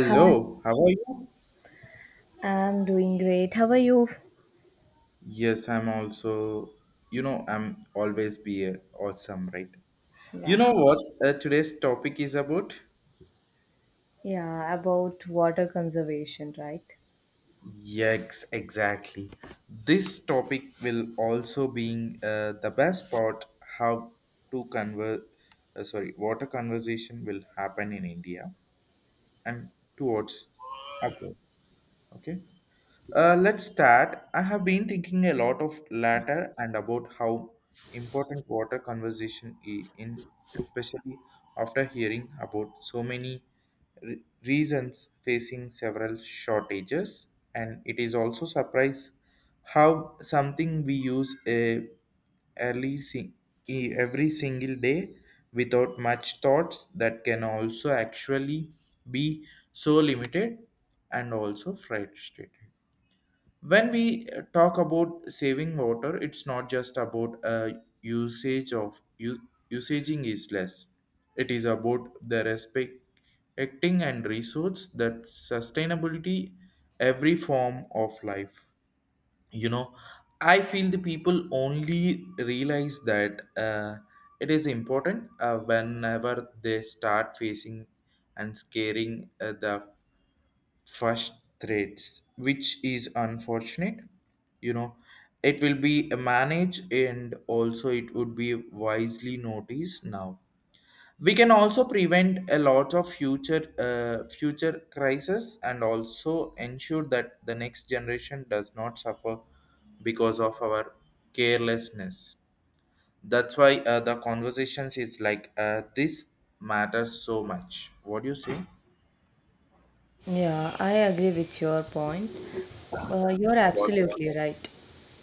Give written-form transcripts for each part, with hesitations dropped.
Hi, how are you? I'm doing great. How are you? Yes, I'm also, you know, I'm always be awesome, right? You Yeah. know what today's topic is about? Yeah, about water conservation, right? Yes, exactly. This topic will also being the best part how to convert, sorry, what a conversation will happen in India and towards abroad. Okay. Let's start. I have been thinking a lot of latter and about how important water conservation is in, especially after hearing about so many reasons facing several shortages. And it is also surprise how something we use a early si- every single day without much thoughts that can also actually be so limited and also frustrated when we talk about saving water. It's not just about usage of usaging is less. It is about the respecting and resource that sustainability every form of life, you know. I feel the people only realize that it is important whenever they start facing and scaring the frustrates, which is unfortunate. You know, it will be managed and also it would be wisely noticed now. We can also prevent a lot of future crisis and also ensure that the next generation does not suffer because of our carelessness. That's why the conversations is like this matters so much. What do you say? Yeah, I agree with your point. You're absolutely right.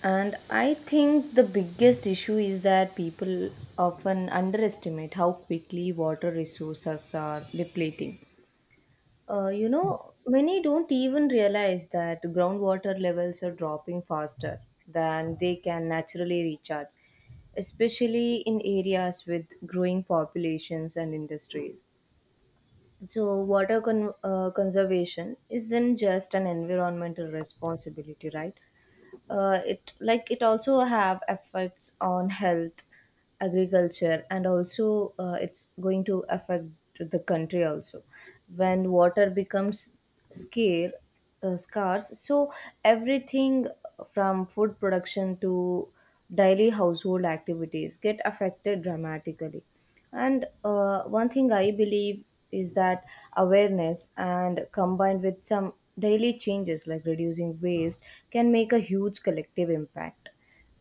And I think the biggest issue is that people often underestimate how quickly water resources are depleting. Many don't even realize that groundwater levels are dropping faster than they can naturally recharge, especially in areas with growing populations and industries. So, water conservation isn't just an environmental responsibility, right? It like it also have effects on health, agriculture, and also it's going to affect the country also when water becomes scare, scarce, so everything from food production to daily household activities get affected dramatically. And one thing I believe is that awareness and combined with some daily changes like reducing waste can make a huge collective impact.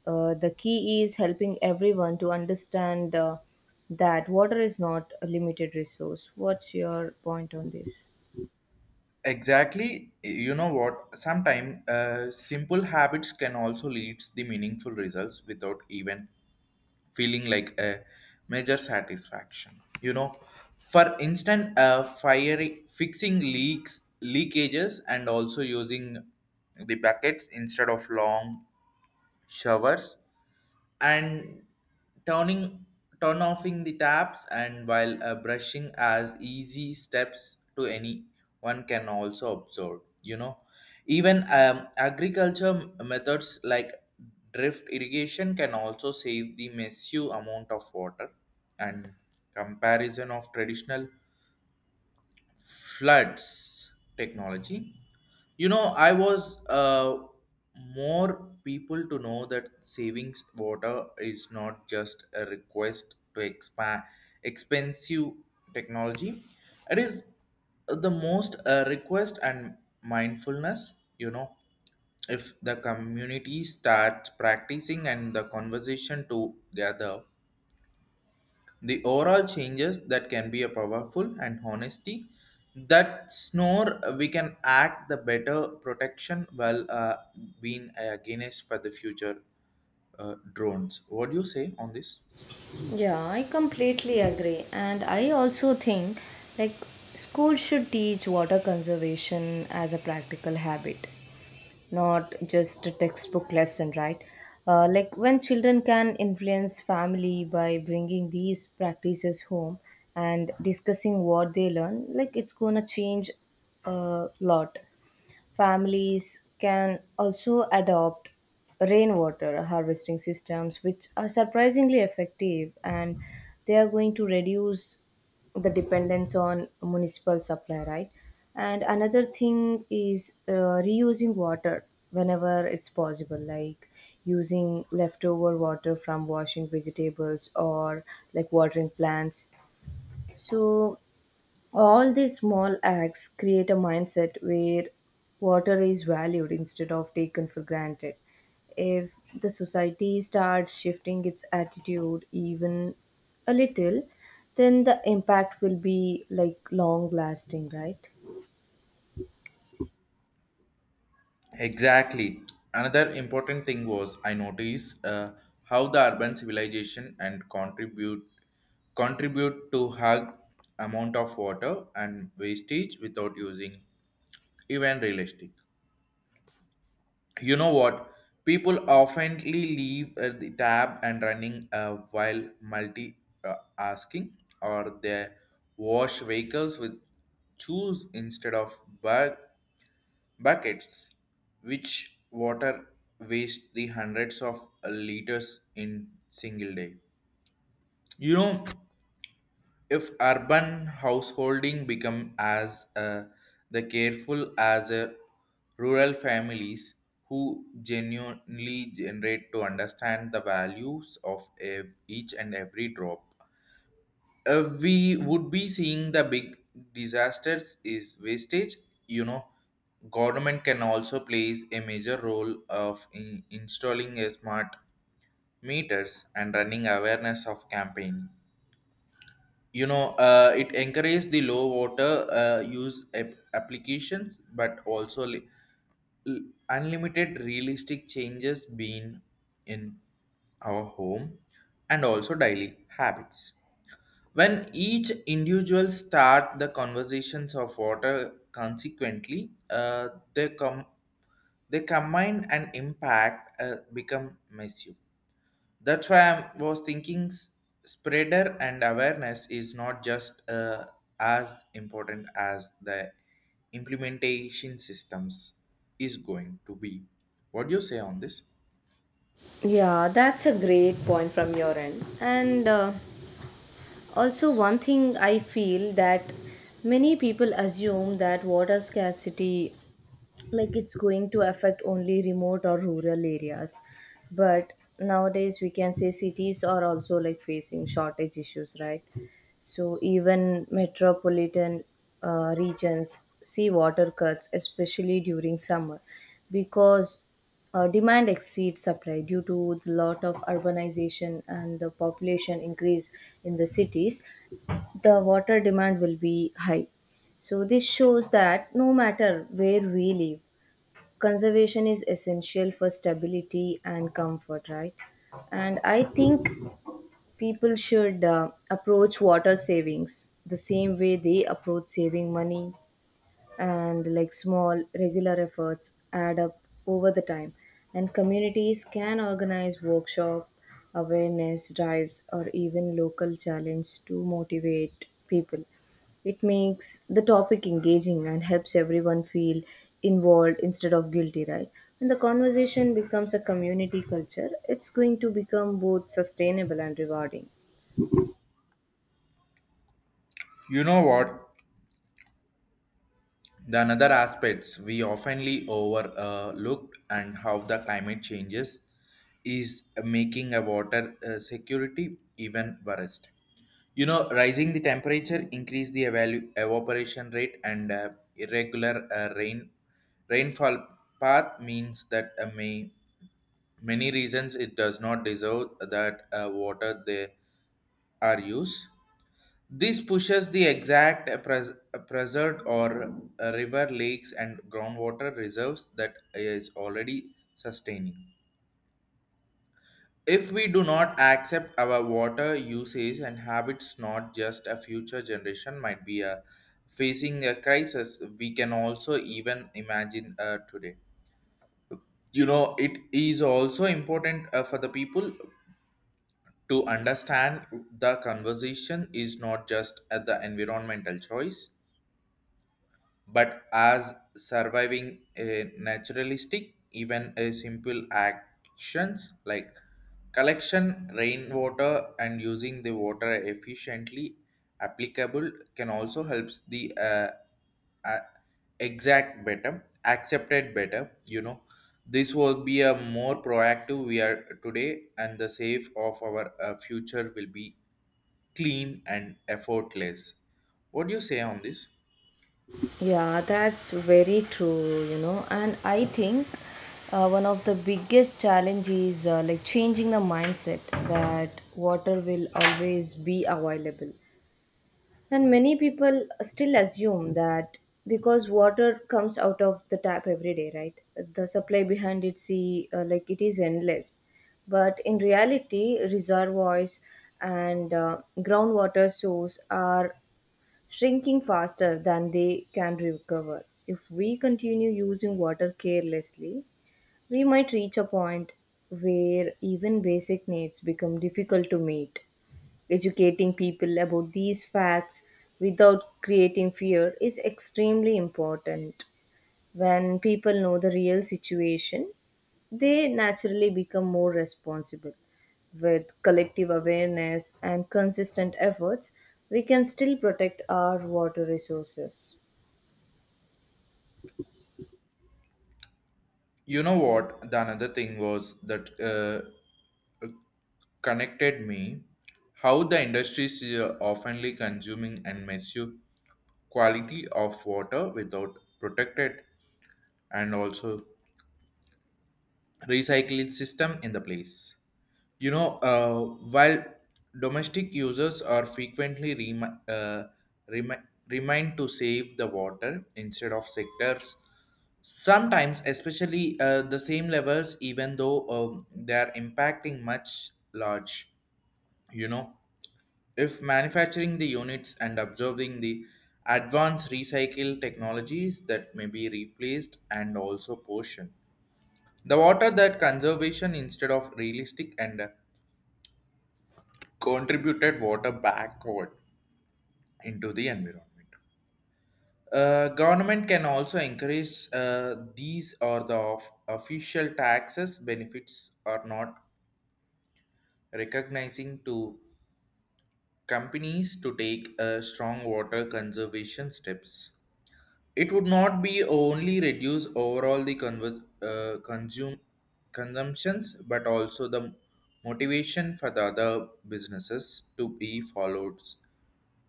The key is helping everyone to understand, that water is not a limited resource. What's your point on this? Exactly. You know what? Sometimes simple habits can also lead the meaningful results without even feeling like a major satisfaction. You know, for instance, fixing leaks, leakages, and also using the buckets instead of long showers and turning turn offing the taps and while brushing as easy steps to anyone can also observe, you know. Even agriculture methods like drift irrigation can also save the massive amount of water and comparison of traditional floods technology. You know, I was more people to know that savings water is not just a request to expand expensive technology. It is the most request and mindfulness. You know, if the community starts practicing and the conversation together, the overall changes that can be a powerful and honesty that snore, we can act the better protection while being against for the future drones. What do you say on this? Yeah, I completely agree. And I also think like school should teach water conservation as a practical habit, not just a textbook lesson, right? Like when children can influence family by bringing these practices home and discussing what they learn, like it's gonna change a lot. Families can also adopt rainwater harvesting systems, which are surprisingly effective and they are going to reduce the dependence on municipal supply, right? And another thing is reusing water whenever it's possible, like using leftover water from washing vegetables or like watering plants. So all these small acts create a mindset where water is valued instead of taken for granted. If the society starts shifting its attitude even a little, then the impact will be like long lasting, right? Exactly. Another important thing was I noticed how the urban civilization and contribute to hug amount of water and wastage without using even realistic. You know what, people oftenly leave the tab and running while multi asking, or they wash vehicles with shoes instead of buckets, which water waste the hundreds of liters in single day. You know, if urban householding become as the careful as a rural families who genuinely generate to understand the values of each and every drop, we would be seeing the big disasters is wastage. You know, government can also plays a major role of in installing a smart meters and running awareness of campaign. You know, it encouraged the low water use applications, but also l- unlimited realistic changes being in our home and also daily habits. When each individual start the conversations of water consequently, they come they combine and impact become massive. That's why I was thinking spreader and awareness is not just as important as the implementation systems is going to be. What do you say on this? Yeah, that's a great point from your end. And also, one thing I feel that many people assume that water scarcity like it's going to affect only remote or rural areas, but nowadays we can say cities are also like facing shortage issues, right? So even metropolitan regions see water cuts, especially during summer, because demand exceeds supply due to the lot of urbanization and the population increase in the cities, the water demand will be high. So this shows that no matter where we live, conservation is essential for stability and comfort, right? And I think people should approach water savings the same way they approach saving money, and like small regular efforts add up over the time. And communities can organize workshop awareness drives or even local challenge to motivate people. It makes the topic engaging and helps everyone feel involved instead of guilty, right? When the conversation becomes a community culture, it's going to become both sustainable and rewarding. You know what? The another aspects we oftenly overlooked and how the climate changes is making a water security even worse. You know, rising the temperature increase the evaporation rate, and irregular rainfall path means that may many reasons it does not deserve that water they are used. This pushes the exact preserved or river lakes and groundwater reserves that is already sustaining. If we do not accept our water usage and habits, not just a future generation might be facing a crisis, we can also even imagine today. You know, it is also important for the people to understand the conversation is not just at the environmental choice but as surviving a naturalistic. Even a simple actions like collection rainwater and using the water efficiently applicable can also helps the uh, exact better accepted better, you know. This will be a more proactive we are today, and the safe of our future will be clean and effortless. What do you say on this? Yeah, that's very true. And I think one of the biggest challenge is like changing the mindset that water will always be available. And many people still assume that because water comes out of the tap every day, right? The supply behind it, see, like it is endless. But in reality, reservoirs and groundwater source are shrinking faster than they can recover. If we continue using water carelessly, we might reach a point where even basic needs become difficult to meet. Educating people about these facts without creating fear is extremely important. When people know the real situation, they naturally become more responsible. With collective awareness and consistent efforts, we can still protect our water resources. You know what, the another thing was that connected me how the industry is oftenly consuming and misuse quality of water without protected and also recycling system in the place. You know, while domestic users are frequently remi- remind to save the water instead of sectors, sometimes, especially the same levels, even though they are impacting much large. You know, if manufacturing the units and observing the advanced recycle technologies that may be replaced and also portion the water that conservation instead of realistic and contributed water backward into the environment. Government can also encourage these or the official taxes benefits are not recognizing to companies to take strong water conservation steps. It would not be only reduce overall the conver- consume consumptions, but also the motivation for the other businesses to be followed.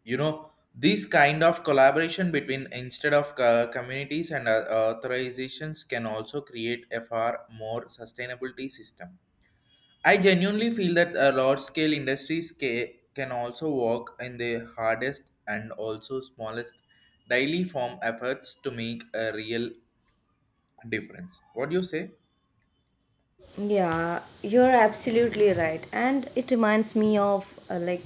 You know, this kind of collaboration between instead of communities and authorizations can also create a far more sustainability system. I genuinely feel that large scale industries can also work in the hardest and also smallest daily form efforts to make a real difference. What do you say? Yeah, you're absolutely right. And it reminds me of like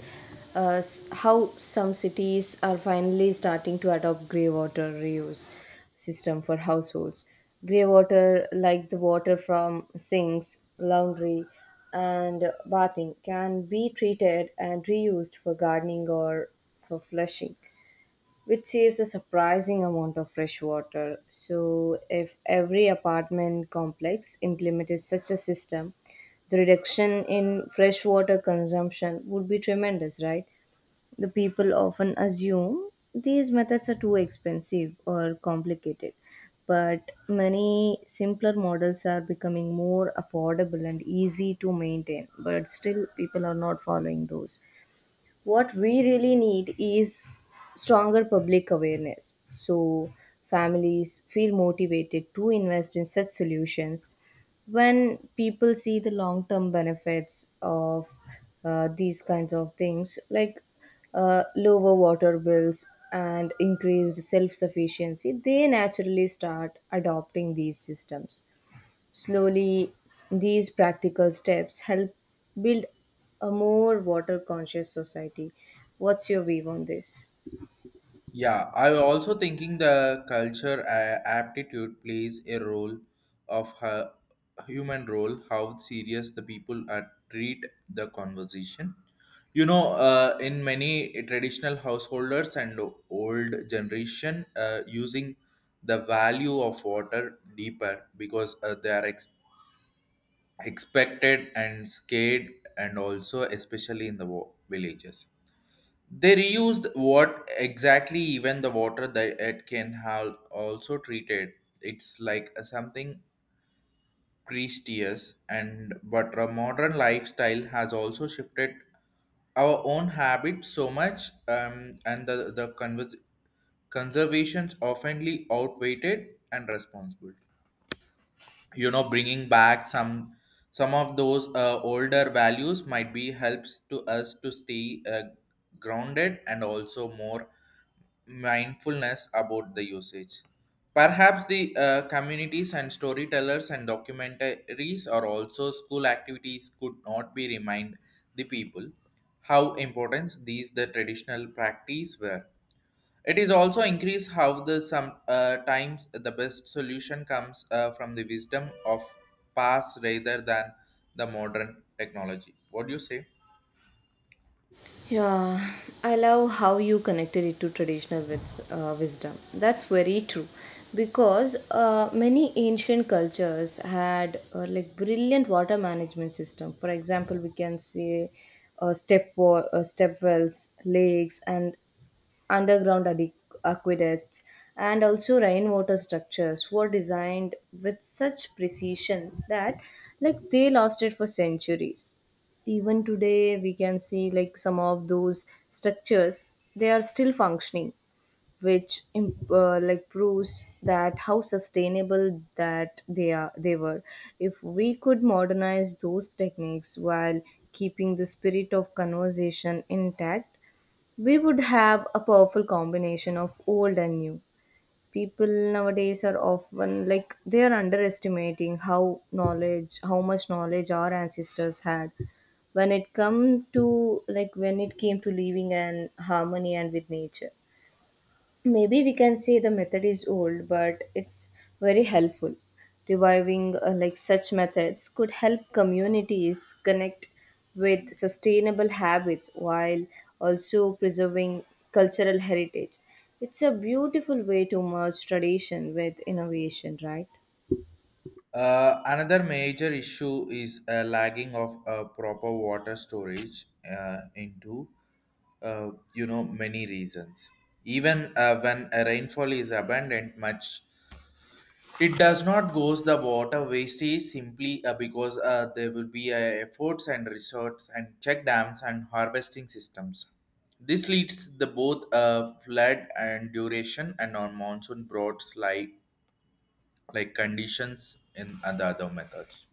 how some cities are finally starting to adopt grey water reuse system for households. Grey water, like the water from sinks, laundry, and bathing, can be treated and reused for gardening or for flushing, which saves a surprising amount of fresh water. So, if every apartment complex implemented such a system, the reduction in fresh water consumption would be tremendous, right? The people often assume these methods are too expensive or complicated, but many simpler models are becoming more affordable and easy to maintain, but still, people are not following those. What we really need is stronger public awareness, so families feel motivated to invest in such solutions. When people see the long term benefits of these kinds of things, like lower water bills and increased self sufficiency, they naturally start adopting these systems. Slowly, these practical steps help build a more water conscious society. What's your view on this? Yeah, I was also thinking the culture aptitude plays a role of her human role, how serious the people are treat the conversation. You know, in many traditional householders and old generation, using the value of water deeper because they are expected and scared, and also especially in the villages, they reused what exactly even the water that it can have also treated. It's like a something prestigious, and but our modern lifestyle has also shifted our own habits so much, and the conservations oftenly outweighed and responsible. You know, bringing back some of those older values might be helps to us to stay grounded and also more mindfulness about the usage. Perhaps the communities and storytellers and documentaries or also school activities could not be remind the people how important these the traditional practice were. It is also increased how the some times the best solution comes from the wisdom of past rather than the modern technology. What do you say? Yeah, I love how you connected it to traditional wisdom. That's very true because many ancient cultures had like brilliant water management system. For example, we can say step wells, lakes, and underground aqueducts, and also rainwater structures were designed with such precision that like they lasted for centuries. Even today we can see like some of those structures they are still functioning, which like proves that how sustainable that they were. If we could modernize those techniques while keeping the spirit of conversation intact, we would have a powerful combination of old and new. People nowadays are often like they are underestimating how much knowledge our ancestors had when it came to living in harmony and with nature. Maybe we can say the method is old, but it's very helpful. Reviving like such methods could help communities connect with sustainable habits while also preserving cultural heritage. It's a beautiful way to merge tradition with innovation, right? Another major issue is lagging of proper water storage into you know many reasons. Even when a rainfall is abundant, much, it does not goes the water wastage simply because there will be efforts and resorts and check dams and harvesting systems. This leads the both flood and duration and on monsoon brought like conditions in other methods.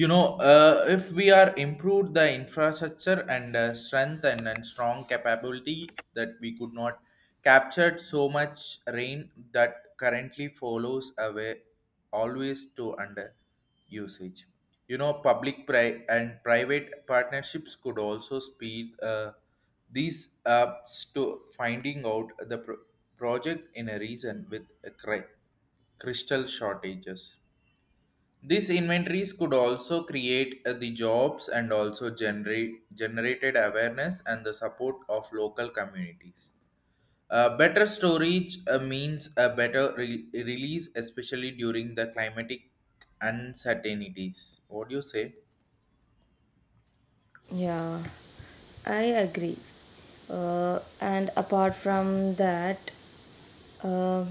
You know, if we are improved the infrastructure and strength and strong capability that we could not captured so much rain that currently follows away always to under usage. You know, public and private partnerships could also speed these up, to finding out the project in a region with a crystal shortages. These inventories could also create the jobs and also generated awareness and the support of local communities. Better storage means a better release, especially during the climatic uncertainties. What do you say? Yeah, I agree. And apart from that, um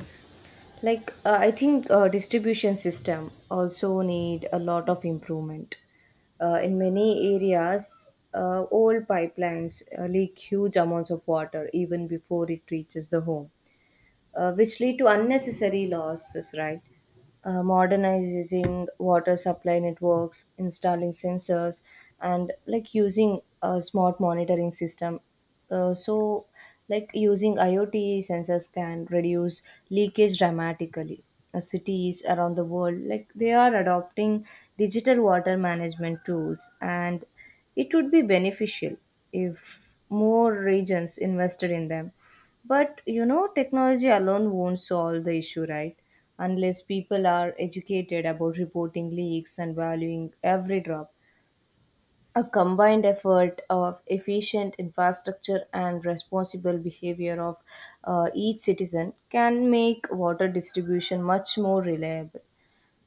like I think distribution system also need a lot of improvement. In many areas, old pipelines leak huge amounts of water even before it reaches the home, which lead to unnecessary losses, right? Modernizing water supply networks, installing sensors, and like using a smart monitoring system. So, like using IoT sensors can reduce leakage dramatically. Cities around the world, like they are adopting digital water management tools, and it would be beneficial if more regions invested in them, but technology alone won't solve the issue, right? Unless people are educated about reporting leaks and valuing every drop. A combined effort of efficient infrastructure and responsible behavior of each citizen can make water distribution much more reliable.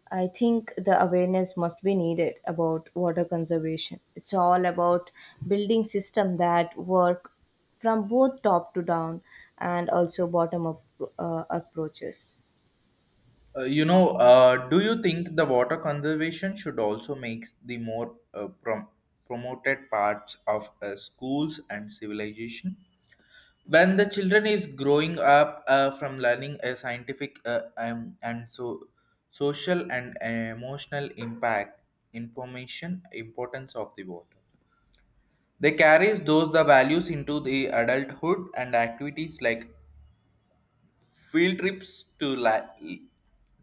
I think the awareness must be needed about water conservation. It's all about building systems that work from both top to down and also bottom up approaches. You know, do you think the water conservation should also make the more promoted parts of schools and civilization? When the children is growing up from learning a scientific and so social and emotional impact information importance of the water, they carries those the values into the adulthood, and activities like field trips to la-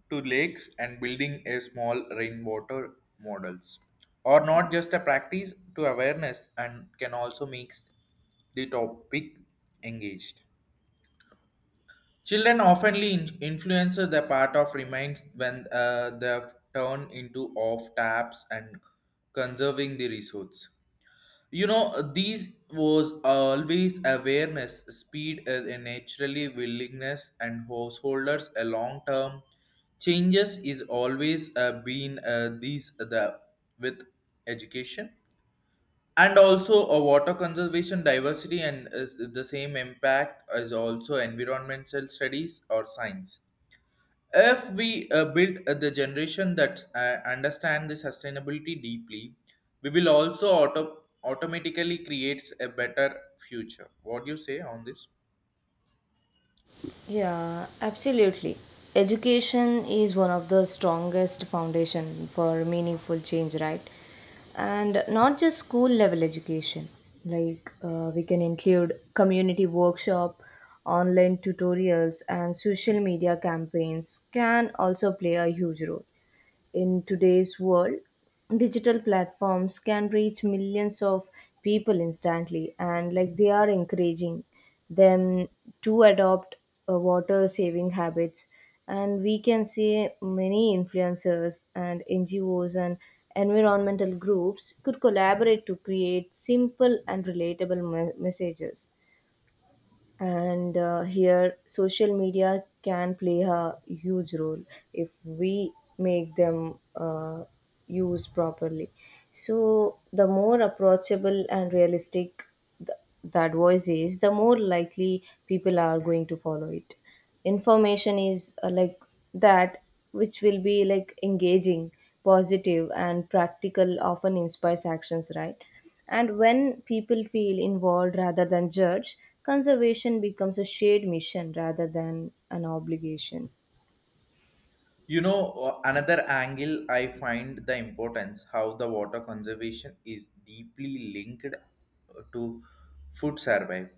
to lakes and building a small rainwater models, or not just a practice to awareness and can also make the topic engaged. Children oftenly influence the part of remains when they turn into off taps and conserving the resource. You know, these was always awareness, speed, and naturally willingness, and householders a long term changes is always been these the with education, and also a water conservation diversity and is the same impact as also environmental studies or science. If we build the generation that understand the sustainability deeply, we will also automatically creates a better future. What do you say on this? Yeah, absolutely. Education is one of the strongest foundation for meaningful change, right? And not just school level education. Like we can include community workshop, online tutorials, and social media campaigns can also play a huge role. In today's world, digital platforms can reach millions of people instantly, and like they are encouraging them to adopt water saving habits. And we can see many influencers and NGOs and environmental groups could collaborate to create simple and relatable messages. And here social media can play a huge role if we make them use properly. So the more approachable and realistic th- that voice is, the more likely people are going to follow it. Information is like that, which will be like engaging, positive, and practical, often inspires actions, right? And when people feel involved rather than judged, conservation becomes a shared mission rather than an obligation. You know, another angle I find the importance how the water conservation is deeply linked to food survey.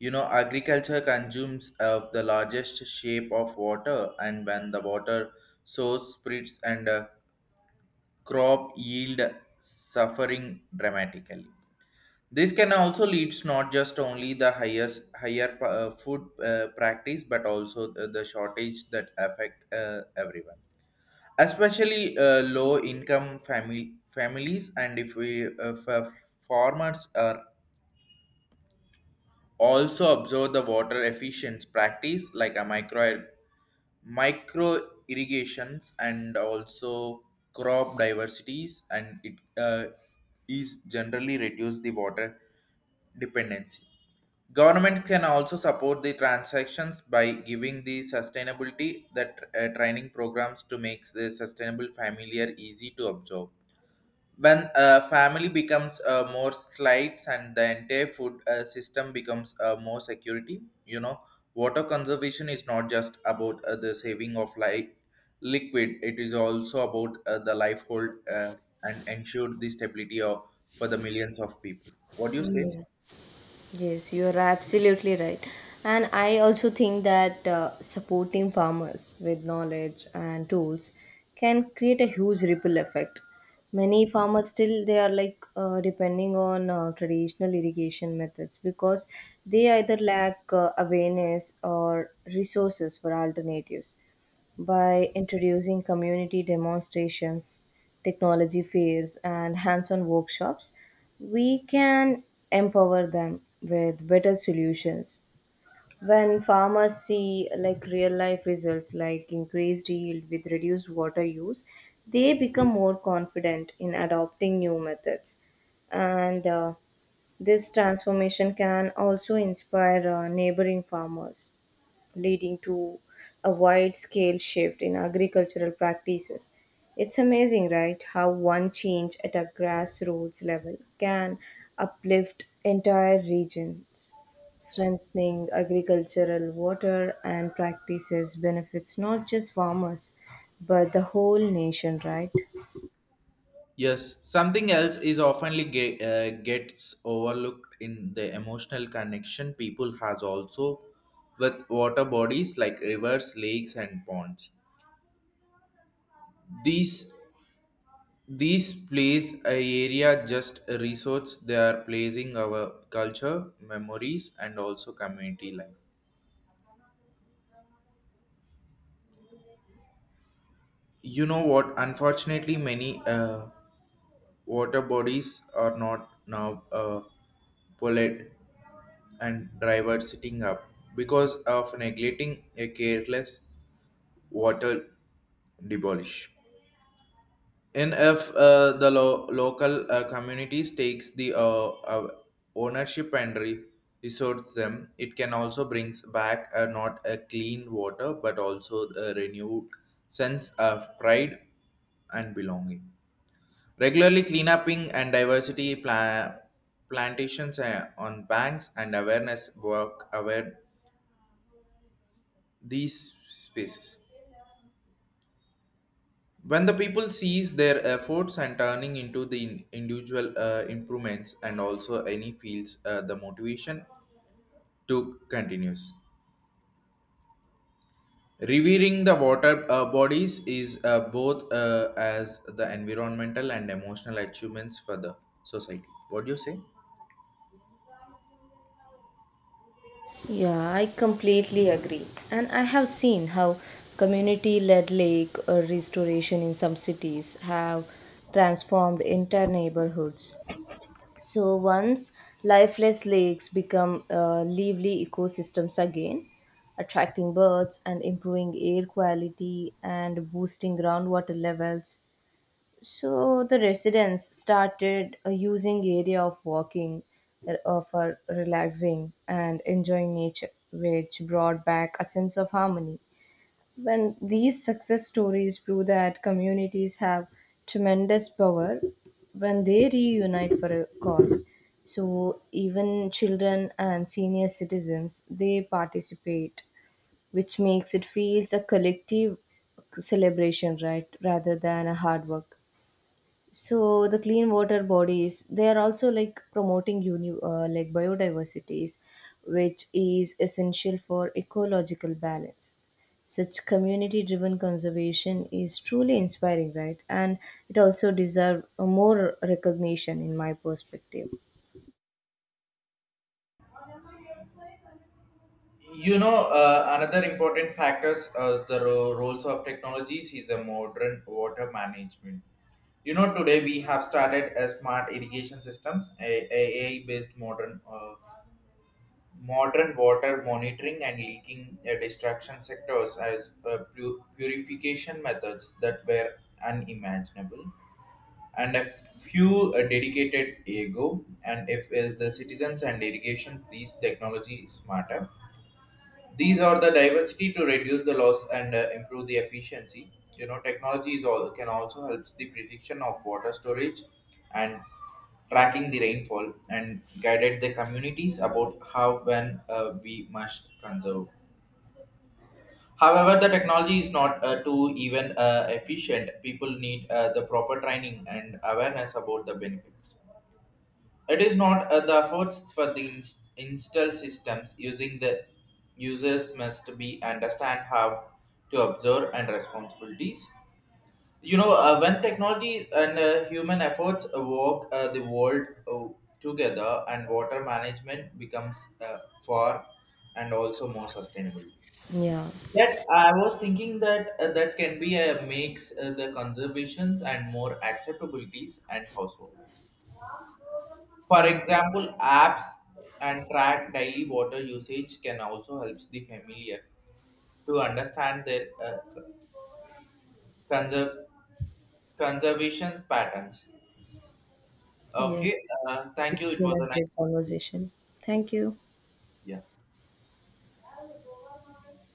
Agriculture consumes of the largest shape of water, and when the water source splits and crop yield suffering dramatically. This can also leads not just only the highest higher food practice, but also the shortage that affect everyone, especially low income family families and if we farmers are also observe the water efficient practice like a micro irrigations and also crop diversities and it is generally reduce the water dependency. Government can also support the transactions by giving the sustainability that training programs to make the sustainable familiar easy to observe. When a family becomes more slights and the entire food system becomes more security. you know water conservation is not just about the saving of like liquid, it is also about the life hold and ensure the stability of, for the millions of people. What do you say? Yeah. Yes, you are absolutely right. And I also think that supporting farmers with knowledge and tools can create a huge ripple effect. Many farmers still they are like depending on traditional irrigation methods because they either lack awareness or resources for alternatives. By introducing community demonstrations, technology fairs, and hands on workshops, we can empower them with better solutions. When farmers see like real life results like increased yield with reduced water use, they become more confident in adopting new methods. And this transformation can also inspire neighboring farmers, leading to a wide scale shift in agricultural practices. It's amazing, right, how one change at a grassroots level can uplift entire regions. Strengthening agricultural water and practices benefits not just farmers, but the whole nation, right? Yes, something else is oftenly gets overlooked in the emotional connection people has also with water bodies like rivers, lakes, and ponds. These these place a area just a resource, they are placing our culture, memories, and also community life. You know what? Unfortunately, many water bodies are not now polite and driver sitting up because of neglecting a careless water demolish. And if the local communities takes the uh, ownership and resorts them, it can also brings back not a clean water but also a renewed sense of pride and belonging. Regularly cleanupping and diversity plantations on banks and awareness work aware these spaces. When the people sees their efforts and turning into the individual improvements and also any fields, the motivation to continues revering the water bodies is both as the environmental and emotional achievements for the society. What do you say? Yeah, I completely agree. And I have seen how community led lake restoration in some cities have transformed entire neighborhoods. So once lifeless lakes become lively ecosystems again, attracting birds and improving air quality and boosting groundwater levels. So the residents started using area of walking for relaxing and enjoying nature, which brought back a sense of harmony. When these success stories prove that communities have tremendous power when they reunite for a cause. So even children and senior citizens they participate, which makes it feels a collective celebration, right, rather than a hard work. So the clean water bodies they are also like promoting like biodiversities, which is essential for ecological balance. Such community driven conservation is truly inspiring, right, and it also deserve a more recognition in my perspective. Another important factors, the roles of technologies is a modern water management. Today we have started a smart irrigation systems, a AI based modern water monitoring and leaking destruction sectors as purification methods that were unimaginable and a few dedicated ago. And if the citizens and irrigation these technology smarter, these are the diversity to reduce the loss and improve the efficiency. You know, technology is all, can also help the prediction of water storage and tracking the rainfall and guided the communities about how when we must conserve. However, the technology is not too even efficient. People need the proper training and awareness about the benefits. It is not the efforts for the install systems using the users must be understand how to observe and responsibilities. When technology and human efforts work the world together, and water management becomes far and also more sustainable. Yeah. That I was thinking that that can be a makes the conservations and more acceptabilities and households. For Yeah. example, apps and track daily water usage can also help the familiar to understand their conser- conservation patterns. Yes, Okay, thank it's you. It been was a a great nice conversation. conversation. Thank you. Yeah.